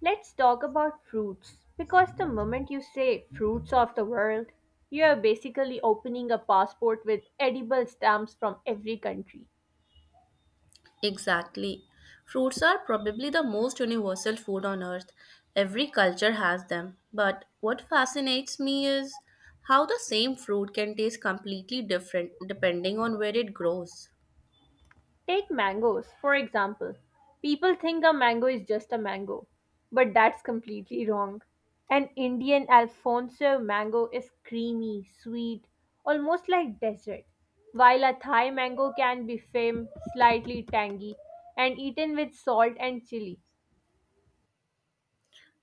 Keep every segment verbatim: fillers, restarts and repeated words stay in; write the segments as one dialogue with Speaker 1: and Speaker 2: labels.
Speaker 1: Let's talk about fruits because the moment you say fruits of the world, you are basically opening a passport with edible stamps from every country.
Speaker 2: Exactly. Fruits are probably the most universal food on earth. Every culture has them. But what fascinates me is how the same fruit can taste completely different depending on where it grows.
Speaker 1: Take mangoes, for example. People think a mango is just a mango, but that's completely wrong. An Indian Alfonso mango is creamy, sweet, almost like dessert, while a Thai mango can be firm, slightly tangy, and eaten with salt and chili.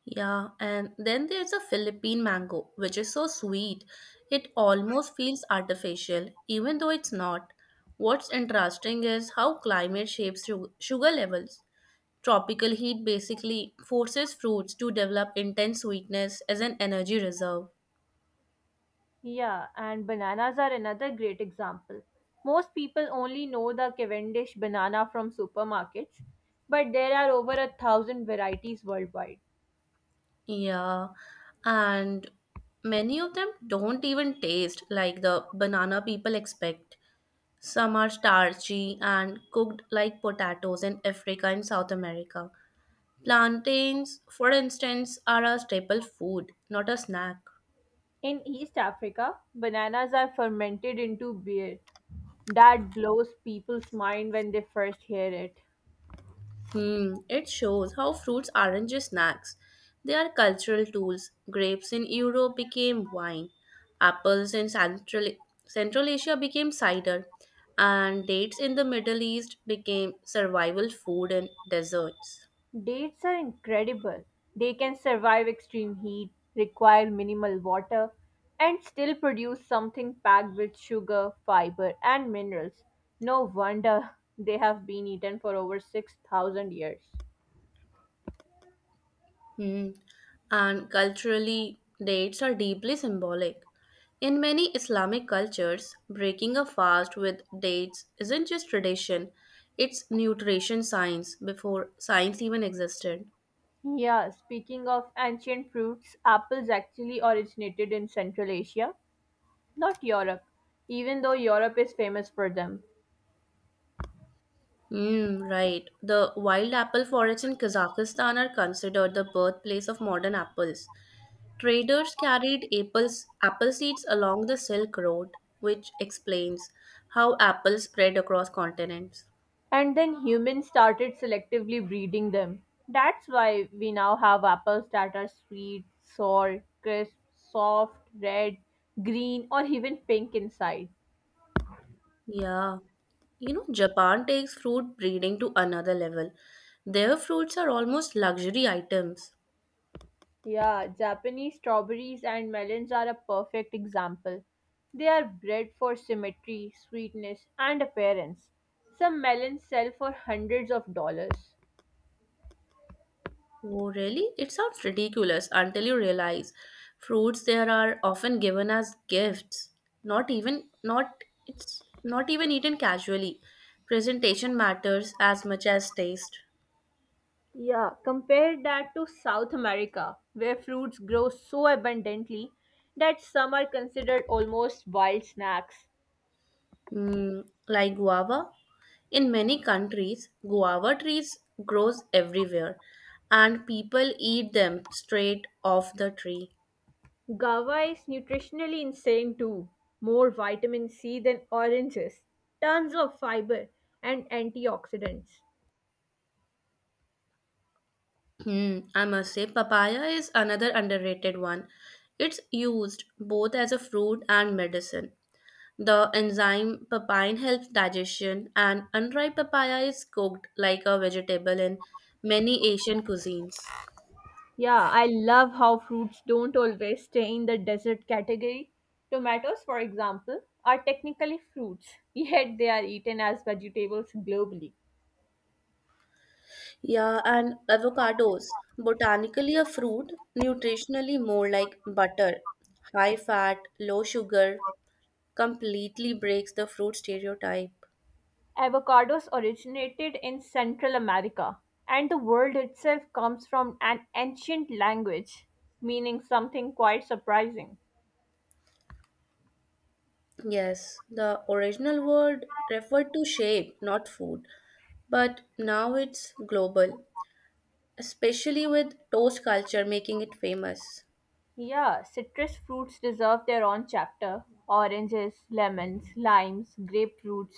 Speaker 2: Yeah, and then there's a Philippine mango, which is so sweet. It almost feels artificial, even though it's not. What's interesting is how climate shapes su- sugar levels. Tropical heat basically forces fruits to develop intense sweetness as an energy reserve.
Speaker 1: Yeah, and bananas are another great example. Most people only know the Cavendish banana from supermarkets, but there are over a thousand varieties worldwide.
Speaker 2: Yeah, and many of them don't even taste like the banana people expect. Some are starchy and cooked like potatoes in Africa and South America. Plantains, for instance, are a staple food, not a snack.
Speaker 1: In East Africa, bananas are fermented into beer. That blows people's mind when they first hear it.
Speaker 2: Hmm, it shows how fruits aren't just snacks. They are cultural tools. Grapes in Europe became wine, apples in Central, Central Asia became cider, and dates in the Middle East became survival food and desserts.
Speaker 1: Dates are incredible. They can survive extreme heat, require minimal water, and still produce something packed with sugar, fiber, and minerals. No wonder they have been eaten for over six thousand years.
Speaker 2: Hmm. And culturally, dates are deeply symbolic. In many Islamic cultures, breaking a fast with dates isn't just tradition, it's nutrition science before science even existed.
Speaker 1: Yeah, speaking of ancient fruits, apples actually originated in Central Asia, not Europe, even though Europe is famous for them.
Speaker 2: Mm, right. The wild apple forests in Kazakhstan are considered the birthplace of modern apples. Traders carried apples, apple seeds along the Silk Road, which explains how apples spread across continents.
Speaker 1: And then humans started selectively breeding them. That's why we now have apples that are sweet, sour, crisp, soft, red, green, or even pink inside.
Speaker 2: Yeah. You know, Japan takes fruit breeding to another level. Their fruits are almost luxury items.
Speaker 1: Yeah, Japanese strawberries and melons are a perfect example. They are bred for symmetry, sweetness, and appearance. Some melons sell for hundreds of dollars.
Speaker 2: Oh, really? It sounds ridiculous until you realize fruits there are often given as gifts. Not even not it's not even eaten casually. Presentation matters as much as taste.
Speaker 1: Yeah, compare that to South America, where fruits grow so abundantly that some are considered almost wild snacks.
Speaker 2: Mm, like guava, in many countries, guava trees grows everywhere, and people eat them straight off the tree.
Speaker 1: Guava is nutritionally insane too. More vitamin C than oranges, tons of fiber, and antioxidants.
Speaker 2: Hmm, I must say, papaya is another underrated one. It's used both as a fruit and medicine. The enzyme papain helps digestion, and unripe papaya is cooked like a vegetable in many Asian cuisines.
Speaker 1: Yeah, I love how fruits don't always stay in the dessert category. Tomatoes, for example, are technically fruits, yet they are eaten as vegetables globally.
Speaker 2: Yeah, and avocados, botanically a fruit, nutritionally more like butter. High fat, low sugar, completely breaks the fruit stereotype.
Speaker 1: Avocados originated in Central America, and the word itself comes from an ancient language meaning something quite surprising.
Speaker 2: Yes, the original word referred to shape, not food, but now it's global, especially with toast culture making it famous.
Speaker 1: Yeah, citrus fruits deserve their own chapter. Oranges, lemons, limes, grapefruits,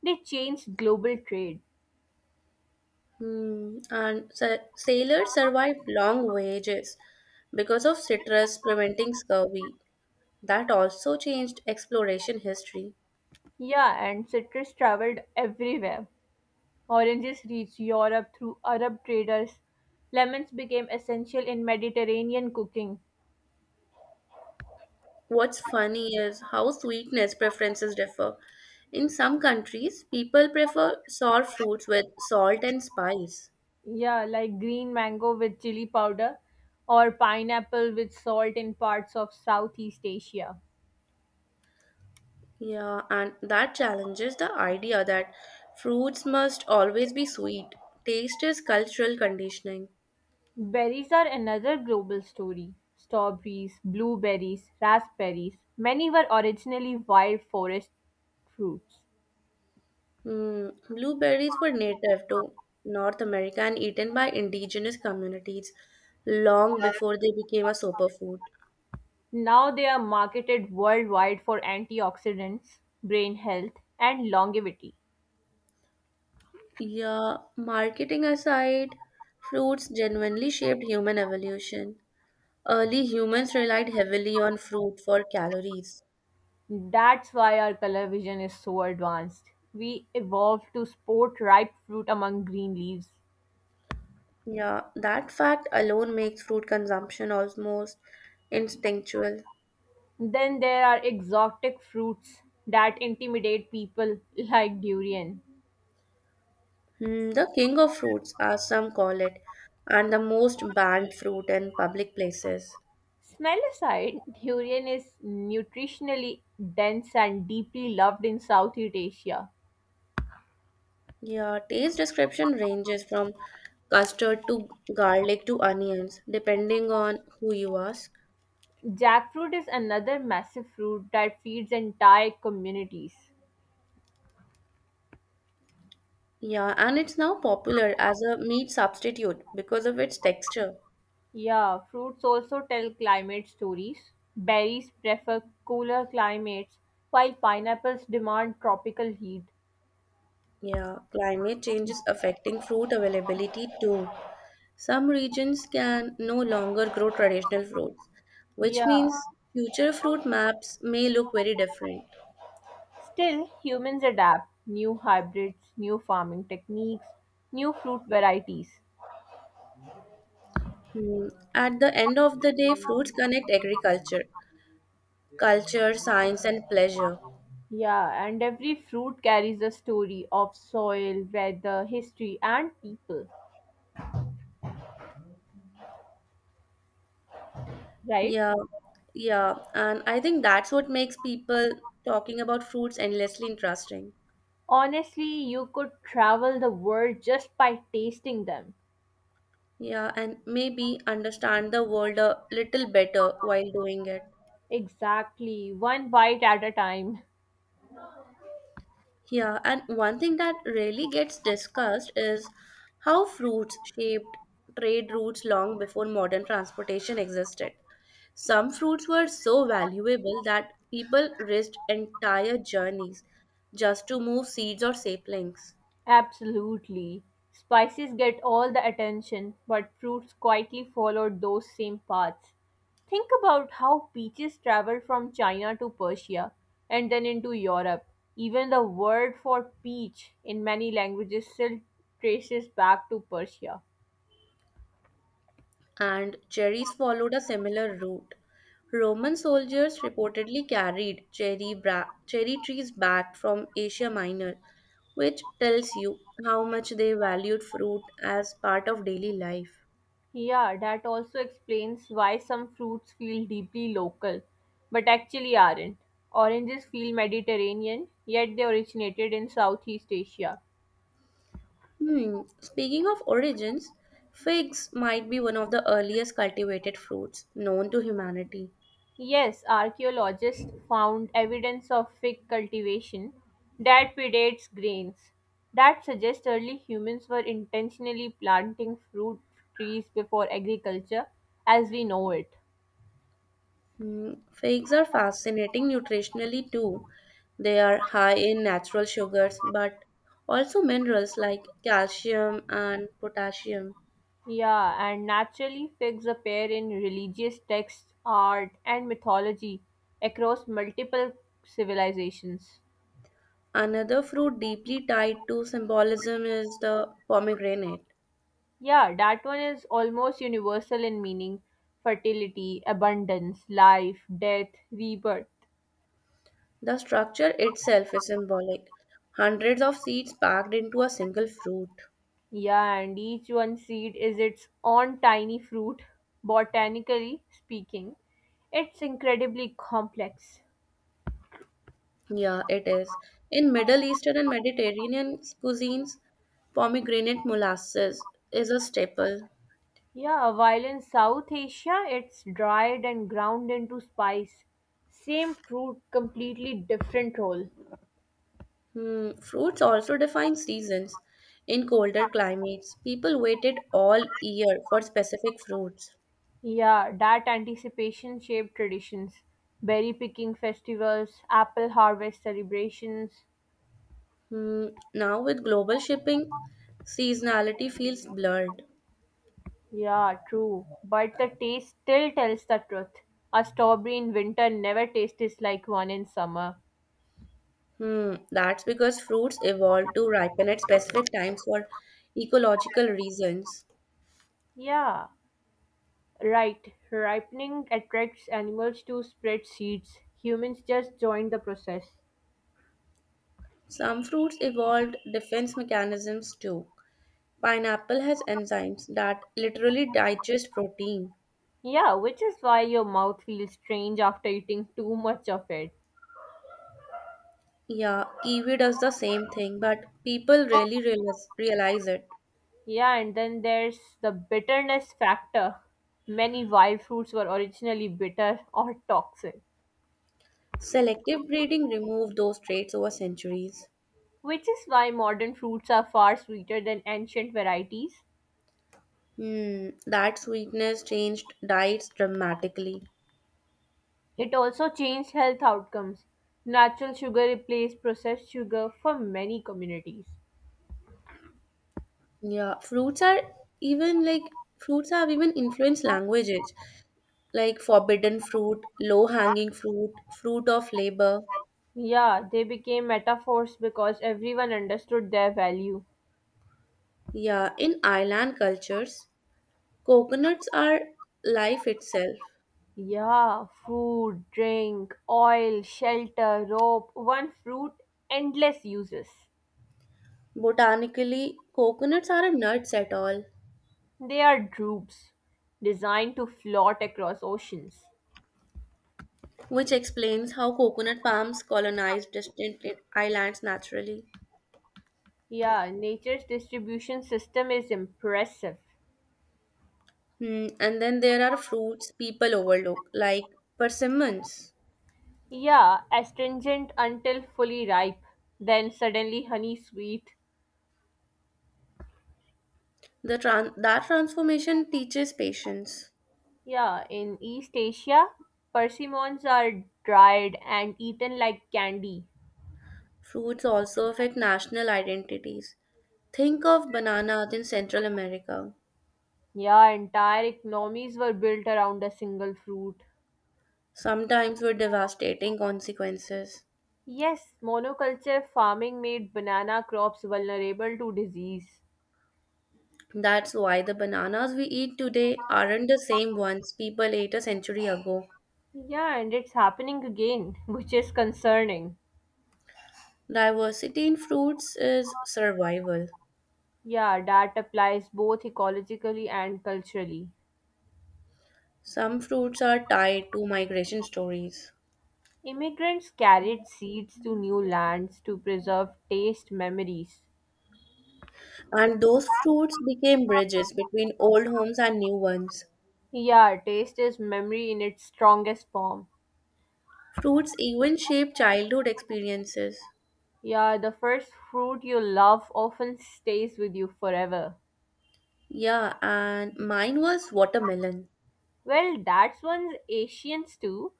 Speaker 1: they changed global trade.
Speaker 2: Hmm. And sa- sailors survived long voyages because of citrus preventing scurvy. That also changed exploration history.
Speaker 1: Yeah, and citrus traveled everywhere. Oranges reached Europe through Arab traders. Lemons became essential in Mediterranean cooking.
Speaker 2: What's funny is how sweetness preferences differ. In some countries, people prefer sour fruits with salt and spice.
Speaker 1: Yeah, like green mango with chili powder or pineapple with salt in parts of Southeast Asia.
Speaker 2: Yeah, and that challenges the idea that fruits must always be sweet. Taste is cultural conditioning.
Speaker 1: Berries are another global story. Strawberries, blueberries, raspberries, many were originally wild forest fruits.
Speaker 2: Hmm, blueberries were native to North America and eaten by indigenous communities long before they became a superfood.
Speaker 1: Now they are marketed worldwide for antioxidants, brain health, and longevity.
Speaker 2: Yeah, marketing aside, fruits genuinely shaped human evolution. Early humans relied heavily on fruit for calories.
Speaker 1: That's why our color vision is so advanced. We evolved to spot ripe fruit among green leaves.
Speaker 2: Yeah, that fact alone makes fruit consumption almost instinctual.
Speaker 1: Then there are exotic fruits that intimidate people like durian.
Speaker 2: Hmm, the king of fruits, as some call it, and the most banned fruit in public places.
Speaker 1: Smell aside, durian is nutritionally dense and deeply loved in Southeast Asia.
Speaker 2: Yeah, taste description ranges from custard to garlic to onions, depending on who you ask.
Speaker 1: Jackfruit is another massive fruit that feeds entire communities.
Speaker 2: Yeah, and it's now popular as a meat substitute because of its texture.
Speaker 1: Yeah, fruits also tell climate stories. Berries prefer cooler climates, while pineapples demand tropical heat.
Speaker 2: Yeah, climate change is affecting fruit availability too. Some regions can no longer grow traditional fruits, which
Speaker 1: Yeah.
Speaker 2: means future fruit maps may look very different.
Speaker 1: Still, humans adapt new hybrids, new farming techniques, new fruit varieties.
Speaker 2: Hmm, at the end of the day, fruits connect agriculture, culture, science, and pleasure.
Speaker 1: Yeah, and every fruit carries a story of soil, weather, history, and people, right?
Speaker 2: Yeah, yeah. And I think that's what makes people talking about fruits endlessly interesting.
Speaker 1: Honestly, you could travel the world just by tasting them.
Speaker 2: Yeah, and maybe understand the world a little better while doing it.
Speaker 1: Exactly, one bite at a time.
Speaker 2: Yeah, and one thing that really gets discussed is how fruits shaped trade routes long before modern transportation existed. Some fruits were so valuable that people risked entire journeys just to move seeds or saplings.
Speaker 1: Absolutely. Spices get all the attention, but fruits quietly followed those same paths. Think about how peaches traveled from China to Persia and then into Europe. Even the word for peach in many languages still traces back to Persia.
Speaker 2: And cherries followed a similar route. Roman soldiers reportedly carried cherry, bra- cherry trees back from Asia Minor, which tells you how much they valued fruit as part of daily life.
Speaker 1: Yeah, that also explains why some fruits feel deeply local, but actually aren't. Oranges feel Mediterranean, yet they originated in Southeast Asia.
Speaker 2: Hmm, speaking of origins, figs might be one of the earliest cultivated fruits known to humanity.
Speaker 1: Yes, archaeologists found evidence of fig cultivation that predates grains. That suggests early humans were intentionally planting fruit trees before agriculture as we know it.
Speaker 2: Mm, figs are fascinating nutritionally too. They are high in natural sugars but also minerals like calcium and potassium.
Speaker 1: Yeah, and naturally figs appear in religious texts, art, and mythology across multiple civilizations.
Speaker 2: Another fruit deeply tied to symbolism is the pomegranate.
Speaker 1: Yeah, that one is almost universal in meaning fertility, abundance, life, death, rebirth.
Speaker 2: The structure itself is symbolic. Hundreds of seeds packed into a single fruit.
Speaker 1: Yeah, and each one seed is its own tiny fruit. Botanically speaking, it's incredibly complex.
Speaker 2: Yeah, it is. In Middle Eastern and Mediterranean cuisines, pomegranate molasses is a staple.
Speaker 1: Yeah, while in South Asia, it's dried and ground into spice. Same fruit, completely different role.
Speaker 2: Hmm, fruits also define seasons. In colder climates, people waited all year for specific fruits.
Speaker 1: Yeah, that anticipation shaped traditions. Berry picking festivals, apple harvest celebrations,
Speaker 2: Hmm, now, with global shipping, seasonality feels blurred.
Speaker 1: yeah, true. But the taste still tells the truth. A strawberry in winter never tastes like one in summer.
Speaker 2: Hmm, that's because fruits evolved to ripen at specific times for ecological reasons.
Speaker 1: Yeah, right. Ripening attracts animals to spread seeds. Humans just join the process.
Speaker 2: Some fruits evolved defense mechanisms too. Pineapple has enzymes that literally digest protein.
Speaker 1: Yeah, which is why your mouth feels strange after eating too much of it.
Speaker 2: Yeah, kiwi does the same thing, but people rarely realize, realize it.
Speaker 1: Yeah, and then there's the bitterness factor. Many wild fruits were originally bitter or toxic,
Speaker 2: Selective breeding removed those traits over centuries.
Speaker 1: which is why modern fruits are far sweeter than ancient varieties.
Speaker 2: Hmm, that sweetness changed diets dramatically.
Speaker 1: It also changed health outcomes. Natural sugar replaced processed sugar for many communities.
Speaker 2: Yeah, fruits are even like fruits have even influenced languages, like forbidden fruit, low-hanging fruit, fruit of labor.
Speaker 1: Yeah, they became metaphors because everyone understood their value.
Speaker 2: Yeah, in island cultures, coconuts are life itself.
Speaker 1: Yeah, food, drink, oil, shelter, rope, one fruit, endless uses.
Speaker 2: Botanically, coconuts are a nuts at all.
Speaker 1: They are droops, designed to float across oceans.
Speaker 2: Which explains how coconut palms colonized distant islands naturally.
Speaker 1: Yeah, nature's distribution system is impressive.
Speaker 2: Hmm, and then there are fruits people overlook, like persimmons.
Speaker 1: Yeah, astringent until fully ripe, then suddenly honey sweet.
Speaker 2: The tran- that transformation teaches patience.
Speaker 1: Yeah, in East Asia, persimmons are dried and eaten like candy.
Speaker 2: Fruits also affect national identities. Think of bananas in Central America,
Speaker 1: Yeah, entire economies were built around a single fruit.
Speaker 2: sometimes with devastating consequences.
Speaker 1: Yes, monoculture farming made banana crops vulnerable to disease.
Speaker 2: That's why the bananas we eat today aren't the same ones people ate a century ago.
Speaker 1: Yeah, and it's happening again, which is concerning.
Speaker 2: Diversity in fruits is survival.
Speaker 1: Yeah, that applies both ecologically and culturally.
Speaker 2: Some fruits are tied to migration stories,
Speaker 1: Immigrants carried seeds to new lands to preserve taste memories.
Speaker 2: and those fruits became bridges between old homes and new ones.
Speaker 1: Yeah, taste is memory in its strongest form.
Speaker 2: Fruits even shape childhood experiences.
Speaker 1: Yeah, the first fruit you love often stays with you forever.
Speaker 2: Yeah, and mine was watermelon.
Speaker 1: Well, that's one's Asians too.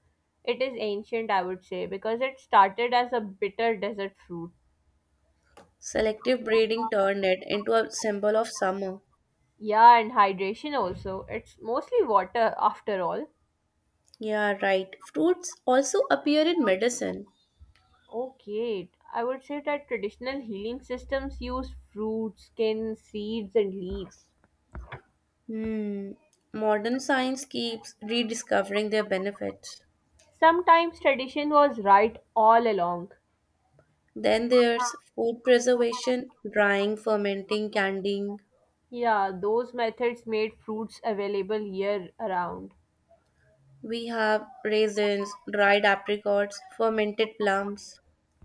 Speaker 1: It is ancient, I would say, because it started as a bitter desert fruit.
Speaker 2: Selective breeding turned it into a symbol of summer.
Speaker 1: Yeah, and hydration also. It's mostly water after all.
Speaker 2: Yeah, right. Fruits also appear in medicine.
Speaker 1: Okay, I would say that traditional healing systems use fruits, skin, seeds, and leaves.
Speaker 2: Hmm. Modern science keeps rediscovering their benefits.
Speaker 1: Sometimes tradition was right all along.
Speaker 2: Then there's food preservation, drying, fermenting, candying.
Speaker 1: Yeah, those methods made fruits available year around.
Speaker 2: We have raisins, dried apricots, fermented plums.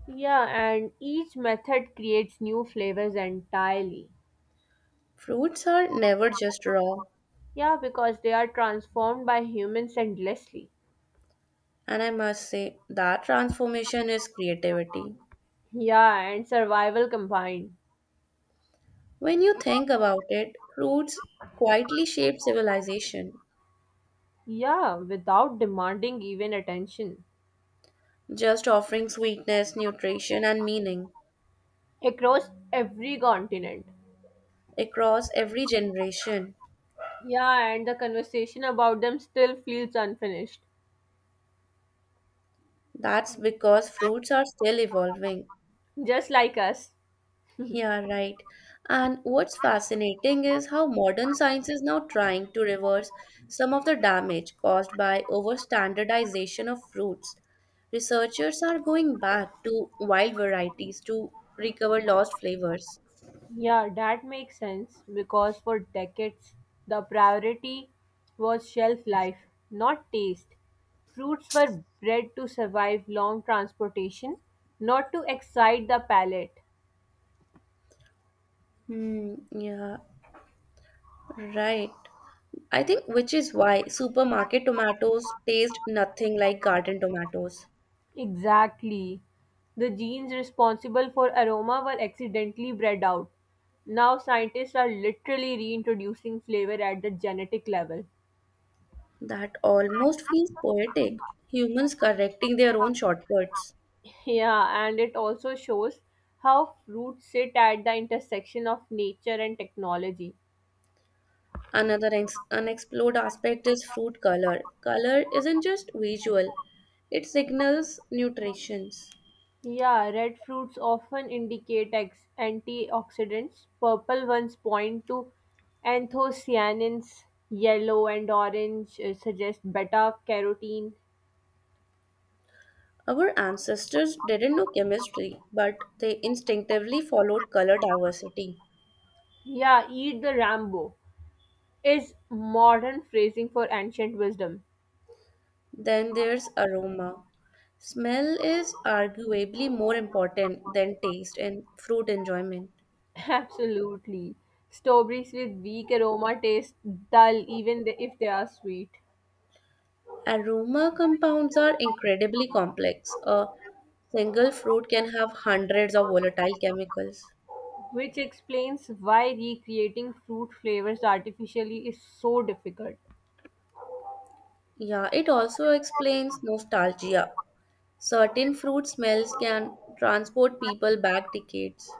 Speaker 1: Yeah, and each method creates new flavors entirely.
Speaker 2: Fruits are never just raw,
Speaker 1: Yeah, because they are transformed by humans endlessly.
Speaker 2: and I must say that transformation is creativity.
Speaker 1: Yeah, and survival combined.
Speaker 2: When you think about it, fruits quietly shape civilization,
Speaker 1: Yeah, without demanding even attention.
Speaker 2: just offering sweetness, nutrition, and meaning
Speaker 1: Across every continent.
Speaker 2: across every generation.
Speaker 1: Yeah, and the conversation about them still feels unfinished,
Speaker 2: That's because fruits are still evolving.
Speaker 1: just like us.
Speaker 2: Yeah, right. And what's fascinating is how modern science is now trying to reverse some of the damage caused by overstandardization of fruits. Researchers are going back to wild varieties to recover lost flavors.
Speaker 1: Yeah, that makes sense because for decades the priority was shelf life, not taste. Fruits were bred to survive long transportation, not to excite the palate.
Speaker 2: Hmm, yeah, right. I think which is why supermarket tomatoes taste nothing like garden tomatoes.
Speaker 1: Exactly. The genes responsible for aroma were accidentally bred out. Now scientists are literally reintroducing flavor at the genetic level.
Speaker 2: That almost feels poetic. Humans correcting their own shortcuts.
Speaker 1: Yeah, and it also shows how fruits sit at the intersection of nature and technology.
Speaker 2: Another ex- unexplored aspect is fruit color. Color isn't just visual, it signals nutritions.
Speaker 1: Yeah, red fruits often indicate ex- antioxidants, purple ones point to anthocyanins, yellow and orange uh, suggest beta carotene.
Speaker 2: Our ancestors didn't know chemistry, but they instinctively followed color diversity.
Speaker 1: Yeah, eat the Rambo is modern phrasing for ancient wisdom.
Speaker 2: Then there's aroma. Smell is arguably more important than taste in fruit enjoyment.
Speaker 1: Absolutely. Strawberries with weak aroma taste dull even th- if they are sweet,
Speaker 2: Aroma compounds are incredibly complex. A single fruit can have hundreds of volatile chemicals.
Speaker 1: which explains why recreating fruit flavors artificially is so difficult.
Speaker 2: Yeah, it also explains nostalgia. Certain fruit smells can transport people back decades.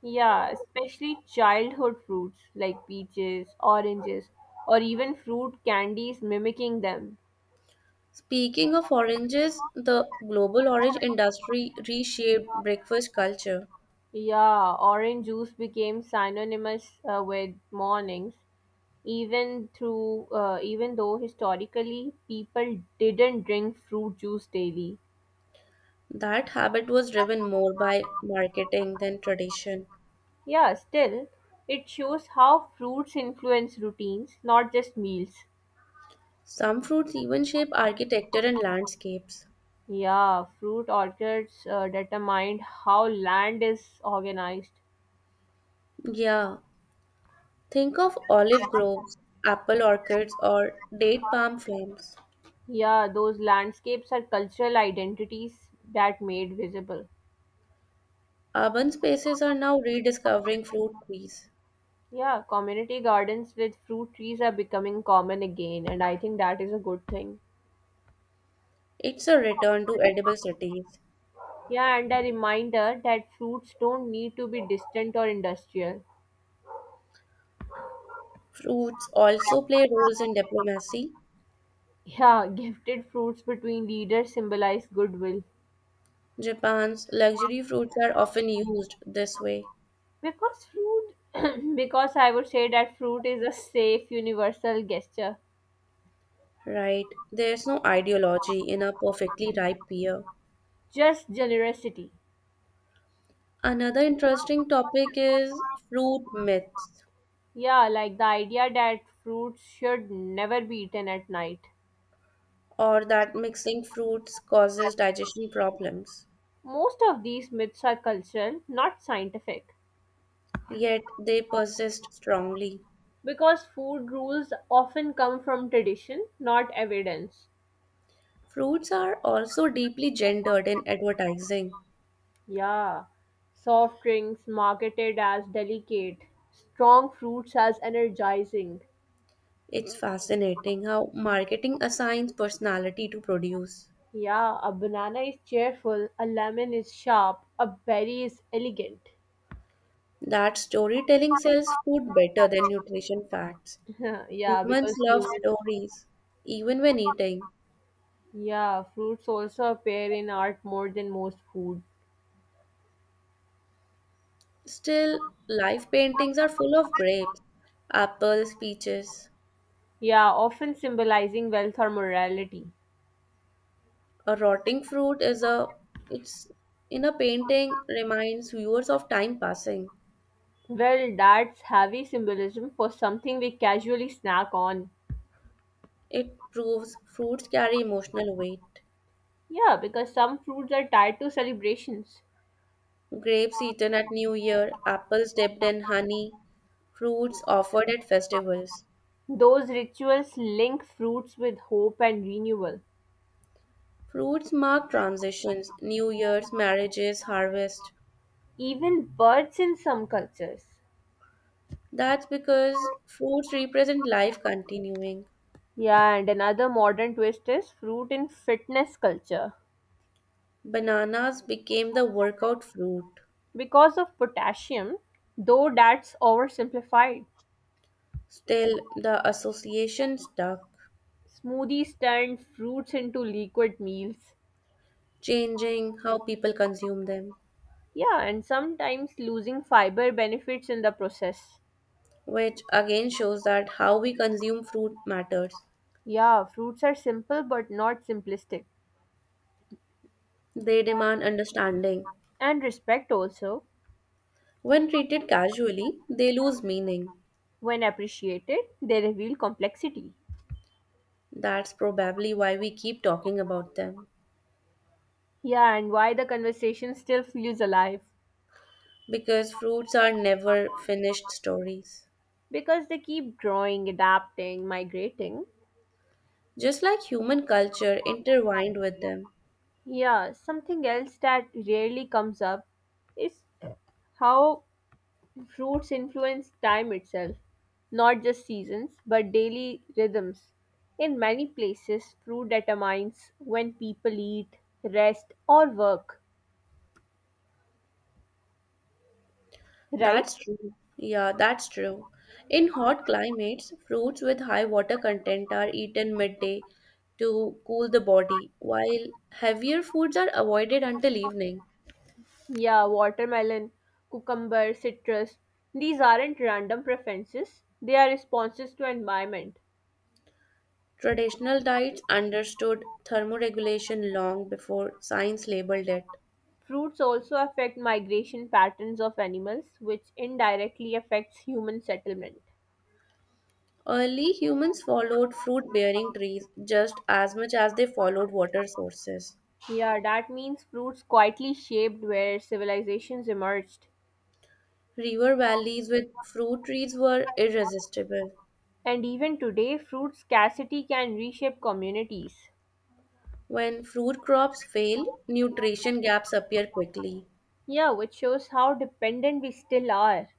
Speaker 1: Yeah, especially childhood fruits like peaches, oranges, or even fruit candies mimicking them.
Speaker 2: Speaking of oranges, the global orange industry reshaped breakfast culture.
Speaker 1: Yeah, orange juice became synonymous uh, with mornings, even through uh, even though historically people didn't drink fruit juice daily.
Speaker 2: That habit was driven more by marketing than tradition.
Speaker 1: Yeah, still, it shows how fruits influence routines, not just meals.
Speaker 2: Some fruits even shape architecture and landscapes.
Speaker 1: Yeah, fruit orchards uh, determined how land is organized.
Speaker 2: Yeah, think of olive groves, apple orchards, or date palm farms.
Speaker 1: Yeah, those landscapes are cultural identities that made visible.
Speaker 2: Urban spaces are now rediscovering fruit trees.
Speaker 1: Yeah, community gardens with fruit trees are becoming common again, and I think that is a good thing.
Speaker 2: It's a return to edible cities.
Speaker 1: Yeah, and a reminder that fruits don't need to be distant or industrial.
Speaker 2: Fruits also play roles in diplomacy.
Speaker 1: Yeah, gifted fruits between leaders symbolize goodwill.
Speaker 2: Japan's luxury fruits are often used this way,
Speaker 1: Because fruit, because I would say that fruit is a safe universal gesture.
Speaker 2: right? There's no ideology in a perfectly ripe pear.
Speaker 1: Just generosity.
Speaker 2: Another interesting topic is fruit myths,
Speaker 1: Yeah, like the idea that fruits should never be eaten at night.
Speaker 2: or that mixing fruits causes digestion problems.
Speaker 1: Most of these myths are cultural, not scientific,
Speaker 2: Yet they persist strongly.
Speaker 1: because food rules often come from tradition, not evidence.
Speaker 2: Fruits are also deeply gendered in advertising.
Speaker 1: Yeah, soft drinks marketed as delicate, strong fruits as energizing.
Speaker 2: It's fascinating how marketing assigns personality to produce.
Speaker 1: Yeah, a banana is cheerful, a lemon is sharp, a berry is elegant.
Speaker 2: That storytelling sells food better than nutrition facts.
Speaker 1: Yeah,
Speaker 2: Humans
Speaker 1: because
Speaker 2: love
Speaker 1: humans
Speaker 2: stories, even when eating.
Speaker 1: yeah, fruits also appear in art more than most food.
Speaker 2: Still, life paintings are full of grapes, apples, peaches.
Speaker 1: Yeah, often symbolizing wealth or morality.
Speaker 2: A rotting fruit is a it's in a painting reminds viewers of time passing.
Speaker 1: Well, that's heavy symbolism for something we casually snack on.
Speaker 2: It proves fruits carry emotional weight.
Speaker 1: Yeah, because some fruits are tied to celebrations.
Speaker 2: Grapes eaten at New Year, apples dipped in honey, fruits offered at festivals.
Speaker 1: Those rituals link fruits with hope and renewal.
Speaker 2: Fruits mark transitions, New Year's, marriages, harvest.
Speaker 1: Even birds in some cultures.
Speaker 2: That's because fruits represent life continuing.
Speaker 1: Yeah, and another modern twist is fruit in fitness culture.
Speaker 2: Bananas became the workout fruit.
Speaker 1: Because of potassium, though that's oversimplified.
Speaker 2: Still, the association stuck,
Speaker 1: Smoothies turn fruits into liquid meals.
Speaker 2: changing how people consume them,
Speaker 1: Yeah, and sometimes losing fiber benefits in the process.
Speaker 2: which again shows that how we consume fruit matters.
Speaker 1: Yeah, fruits are simple but not simplistic.
Speaker 2: They demand understanding.
Speaker 1: And respect also,
Speaker 2: When treated casually, they lose meaning.
Speaker 1: when appreciated, they reveal complexity.
Speaker 2: That's probably why we keep talking about them.
Speaker 1: Yeah, and why the conversation still feels alive?
Speaker 2: Because fruits are never finished stories.
Speaker 1: Because they keep growing, adapting, migrating.
Speaker 2: Just like human culture intertwined with them.
Speaker 1: Yeah, something else that rarely comes up is how fruits influence time itself, not just seasons, but daily rhythms. In many places, fruit determines when people eat, rest, or work, right?
Speaker 2: That's true. Yeah, that's true. In hot climates, fruits with high water content are eaten midday to cool the body, while heavier foods are avoided until evening.
Speaker 1: Yeah, watermelon, cucumber, citrus. These aren't random preferences, they are responses to environment.
Speaker 2: Traditional diets understood thermoregulation long before science labeled it.
Speaker 1: Fruits also affect migration patterns of animals, which indirectly affects human settlement.
Speaker 2: Early humans followed fruit bearing trees just as much as they followed water sources.
Speaker 1: Yeah, that means fruits quietly shaped where civilizations emerged.
Speaker 2: River valleys with fruit trees were irresistible.
Speaker 1: And even today, fruit scarcity can reshape communities.
Speaker 2: When fruit crops failed, nutrition gaps appear quickly.
Speaker 1: Yeah, which shows how dependent we still are.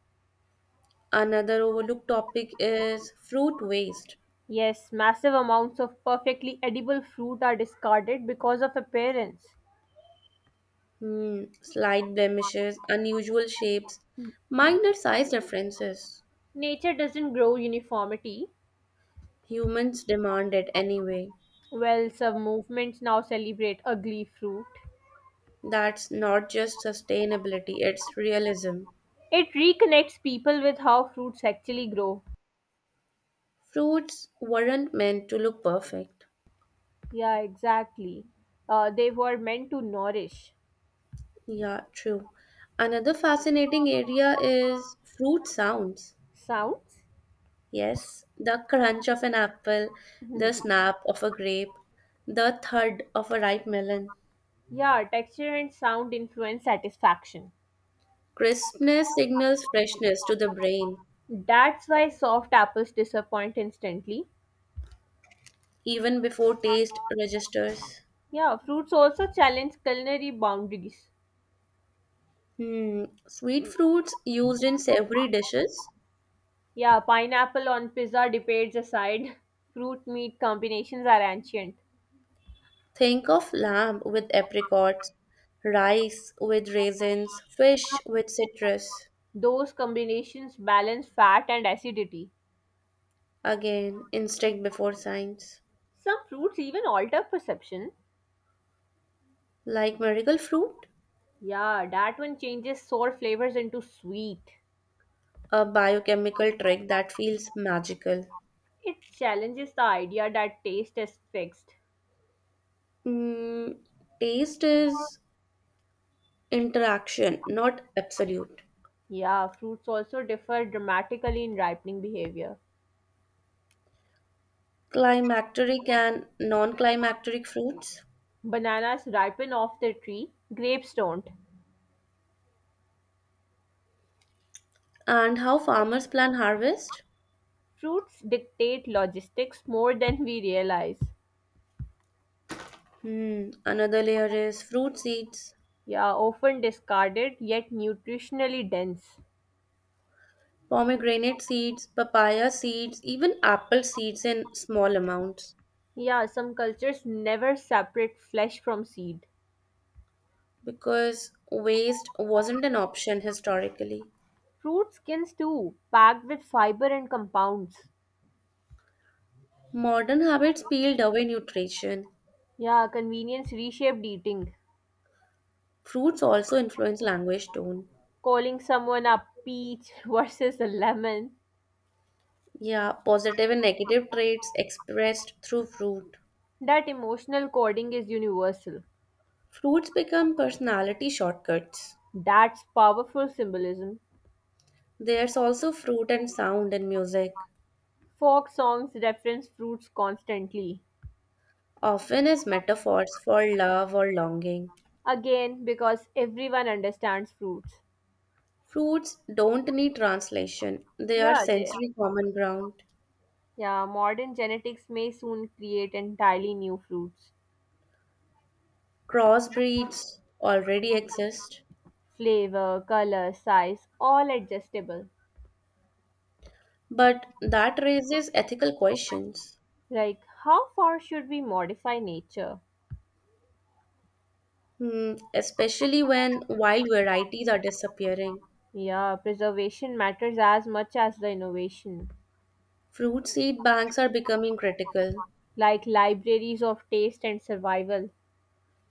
Speaker 2: Another overlooked topic is fruit waste.
Speaker 1: Yes, massive amounts of perfectly edible fruit are discarded because of appearance.
Speaker 2: Hmm, slight blemishes, unusual shapes, minor size differences.
Speaker 1: Nature doesn't grow uniformity.
Speaker 2: Humans demand it anyway.
Speaker 1: Well, some movements now celebrate ugly fruit.
Speaker 2: That's not just sustainability, it's realism.
Speaker 1: It reconnects people with how fruits actually grow.
Speaker 2: Fruits weren't meant to look perfect.
Speaker 1: Yeah, exactly. Uh, they were meant to nourish.
Speaker 2: Yeah, true. Another fascinating area is fruit sounds.
Speaker 1: Sounds?
Speaker 2: Yes, the crunch of an apple, the snap of a grape, the thud of a ripe melon.
Speaker 1: Yeah, texture and sound influence satisfaction.
Speaker 2: Crispness signals freshness to the brain,
Speaker 1: That's why soft apples disappoint instantly.
Speaker 2: even before taste registers.
Speaker 1: Yeah, fruits also challenge culinary boundaries.
Speaker 2: Hmm. Sweet fruits used in savory dishes.
Speaker 1: Yeah, pineapple on pizza debates aside, fruit meat combinations are ancient.
Speaker 2: Think of lamb with apricots, rice with raisins, fish with citrus.
Speaker 1: Those combinations balance fat and acidity.
Speaker 2: Again, instinct before science.
Speaker 1: Some fruits even alter perception.
Speaker 2: Like miracle fruit,
Speaker 1: Yeah, that one changes sour flavors into sweet.
Speaker 2: a biochemical trick that feels magical.
Speaker 1: It challenges the idea that taste is fixed.
Speaker 2: Mm, taste is interaction, not absolute.
Speaker 1: Yeah, fruits also differ dramatically in ripening behavior.
Speaker 2: Climacteric and non climacteric fruits.
Speaker 1: Bananas ripen off the tree, grapes don't.
Speaker 2: And how farmers plan harvest?
Speaker 1: Fruits dictate logistics more than we realize.
Speaker 2: Hmm, another layer is fruit seeds.
Speaker 1: Yeah, often discarded yet nutritionally dense.
Speaker 2: Pomegranate seeds, papaya seeds, even apple seeds in small amounts
Speaker 1: Yeah, some cultures never separate flesh from seed.
Speaker 2: because waste wasn't an option historically.
Speaker 1: Fruit skins too, packed with fiber and compounds.
Speaker 2: Modern habits peeled away nutrition.
Speaker 1: Yeah, convenience reshaped eating.
Speaker 2: Fruits also influence language tone.
Speaker 1: Calling someone a peach versus a lemon.
Speaker 2: Yeah, positive and negative traits expressed through fruit.
Speaker 1: That emotional coding is universal.
Speaker 2: Fruits become personality shortcuts.
Speaker 1: That's powerful symbolism.
Speaker 2: There's also fruit and sound in music,
Speaker 1: Folk songs reference fruits constantly.
Speaker 2: often as metaphors for love or longing.
Speaker 1: Again, because everyone understands fruits.
Speaker 2: Fruits don't need translation, they are
Speaker 1: Yeah, they,
Speaker 2: sensory common ground.
Speaker 1: yeah, modern genetics may soon create entirely new fruits.
Speaker 2: Crossbreeds already exist,
Speaker 1: Flavor, color, size, all adjustable.
Speaker 2: but that raises ethical questions.
Speaker 1: Like, how far should we modify nature?
Speaker 2: Hmm, especially when wild varieties are disappearing.
Speaker 1: Yeah, preservation matters as much as the innovation.
Speaker 2: Fruit seed banks are becoming critical.
Speaker 1: Like libraries of taste and survival.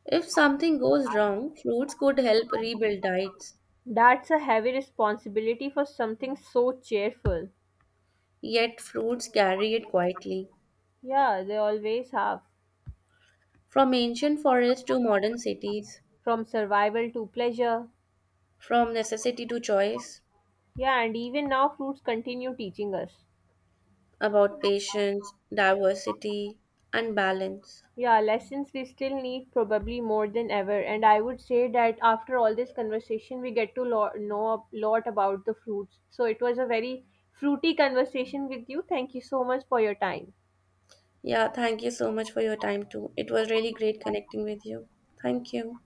Speaker 2: If something goes wrong, fruits could help rebuild diets,
Speaker 1: That's a heavy responsibility for something so cheerful.
Speaker 2: yet, fruits carry it quietly.
Speaker 1: Yeah, they always have.
Speaker 2: From ancient forests to modern cities,
Speaker 1: From survival to pleasure.
Speaker 2: from necessity to choice,
Speaker 1: Yeah, and even now, fruits continue teaching us.
Speaker 2: about patience, diversity, and balance.
Speaker 1: Yeah, lessons we still need probably more than ever. And I would say that after all this conversation, we get to lo- know a lot about the fruits. So it was a very fruity conversation with you. Thank you so much for your time.
Speaker 2: Yeah, thank you so much for your time too. It was really great connecting with you. Thank you.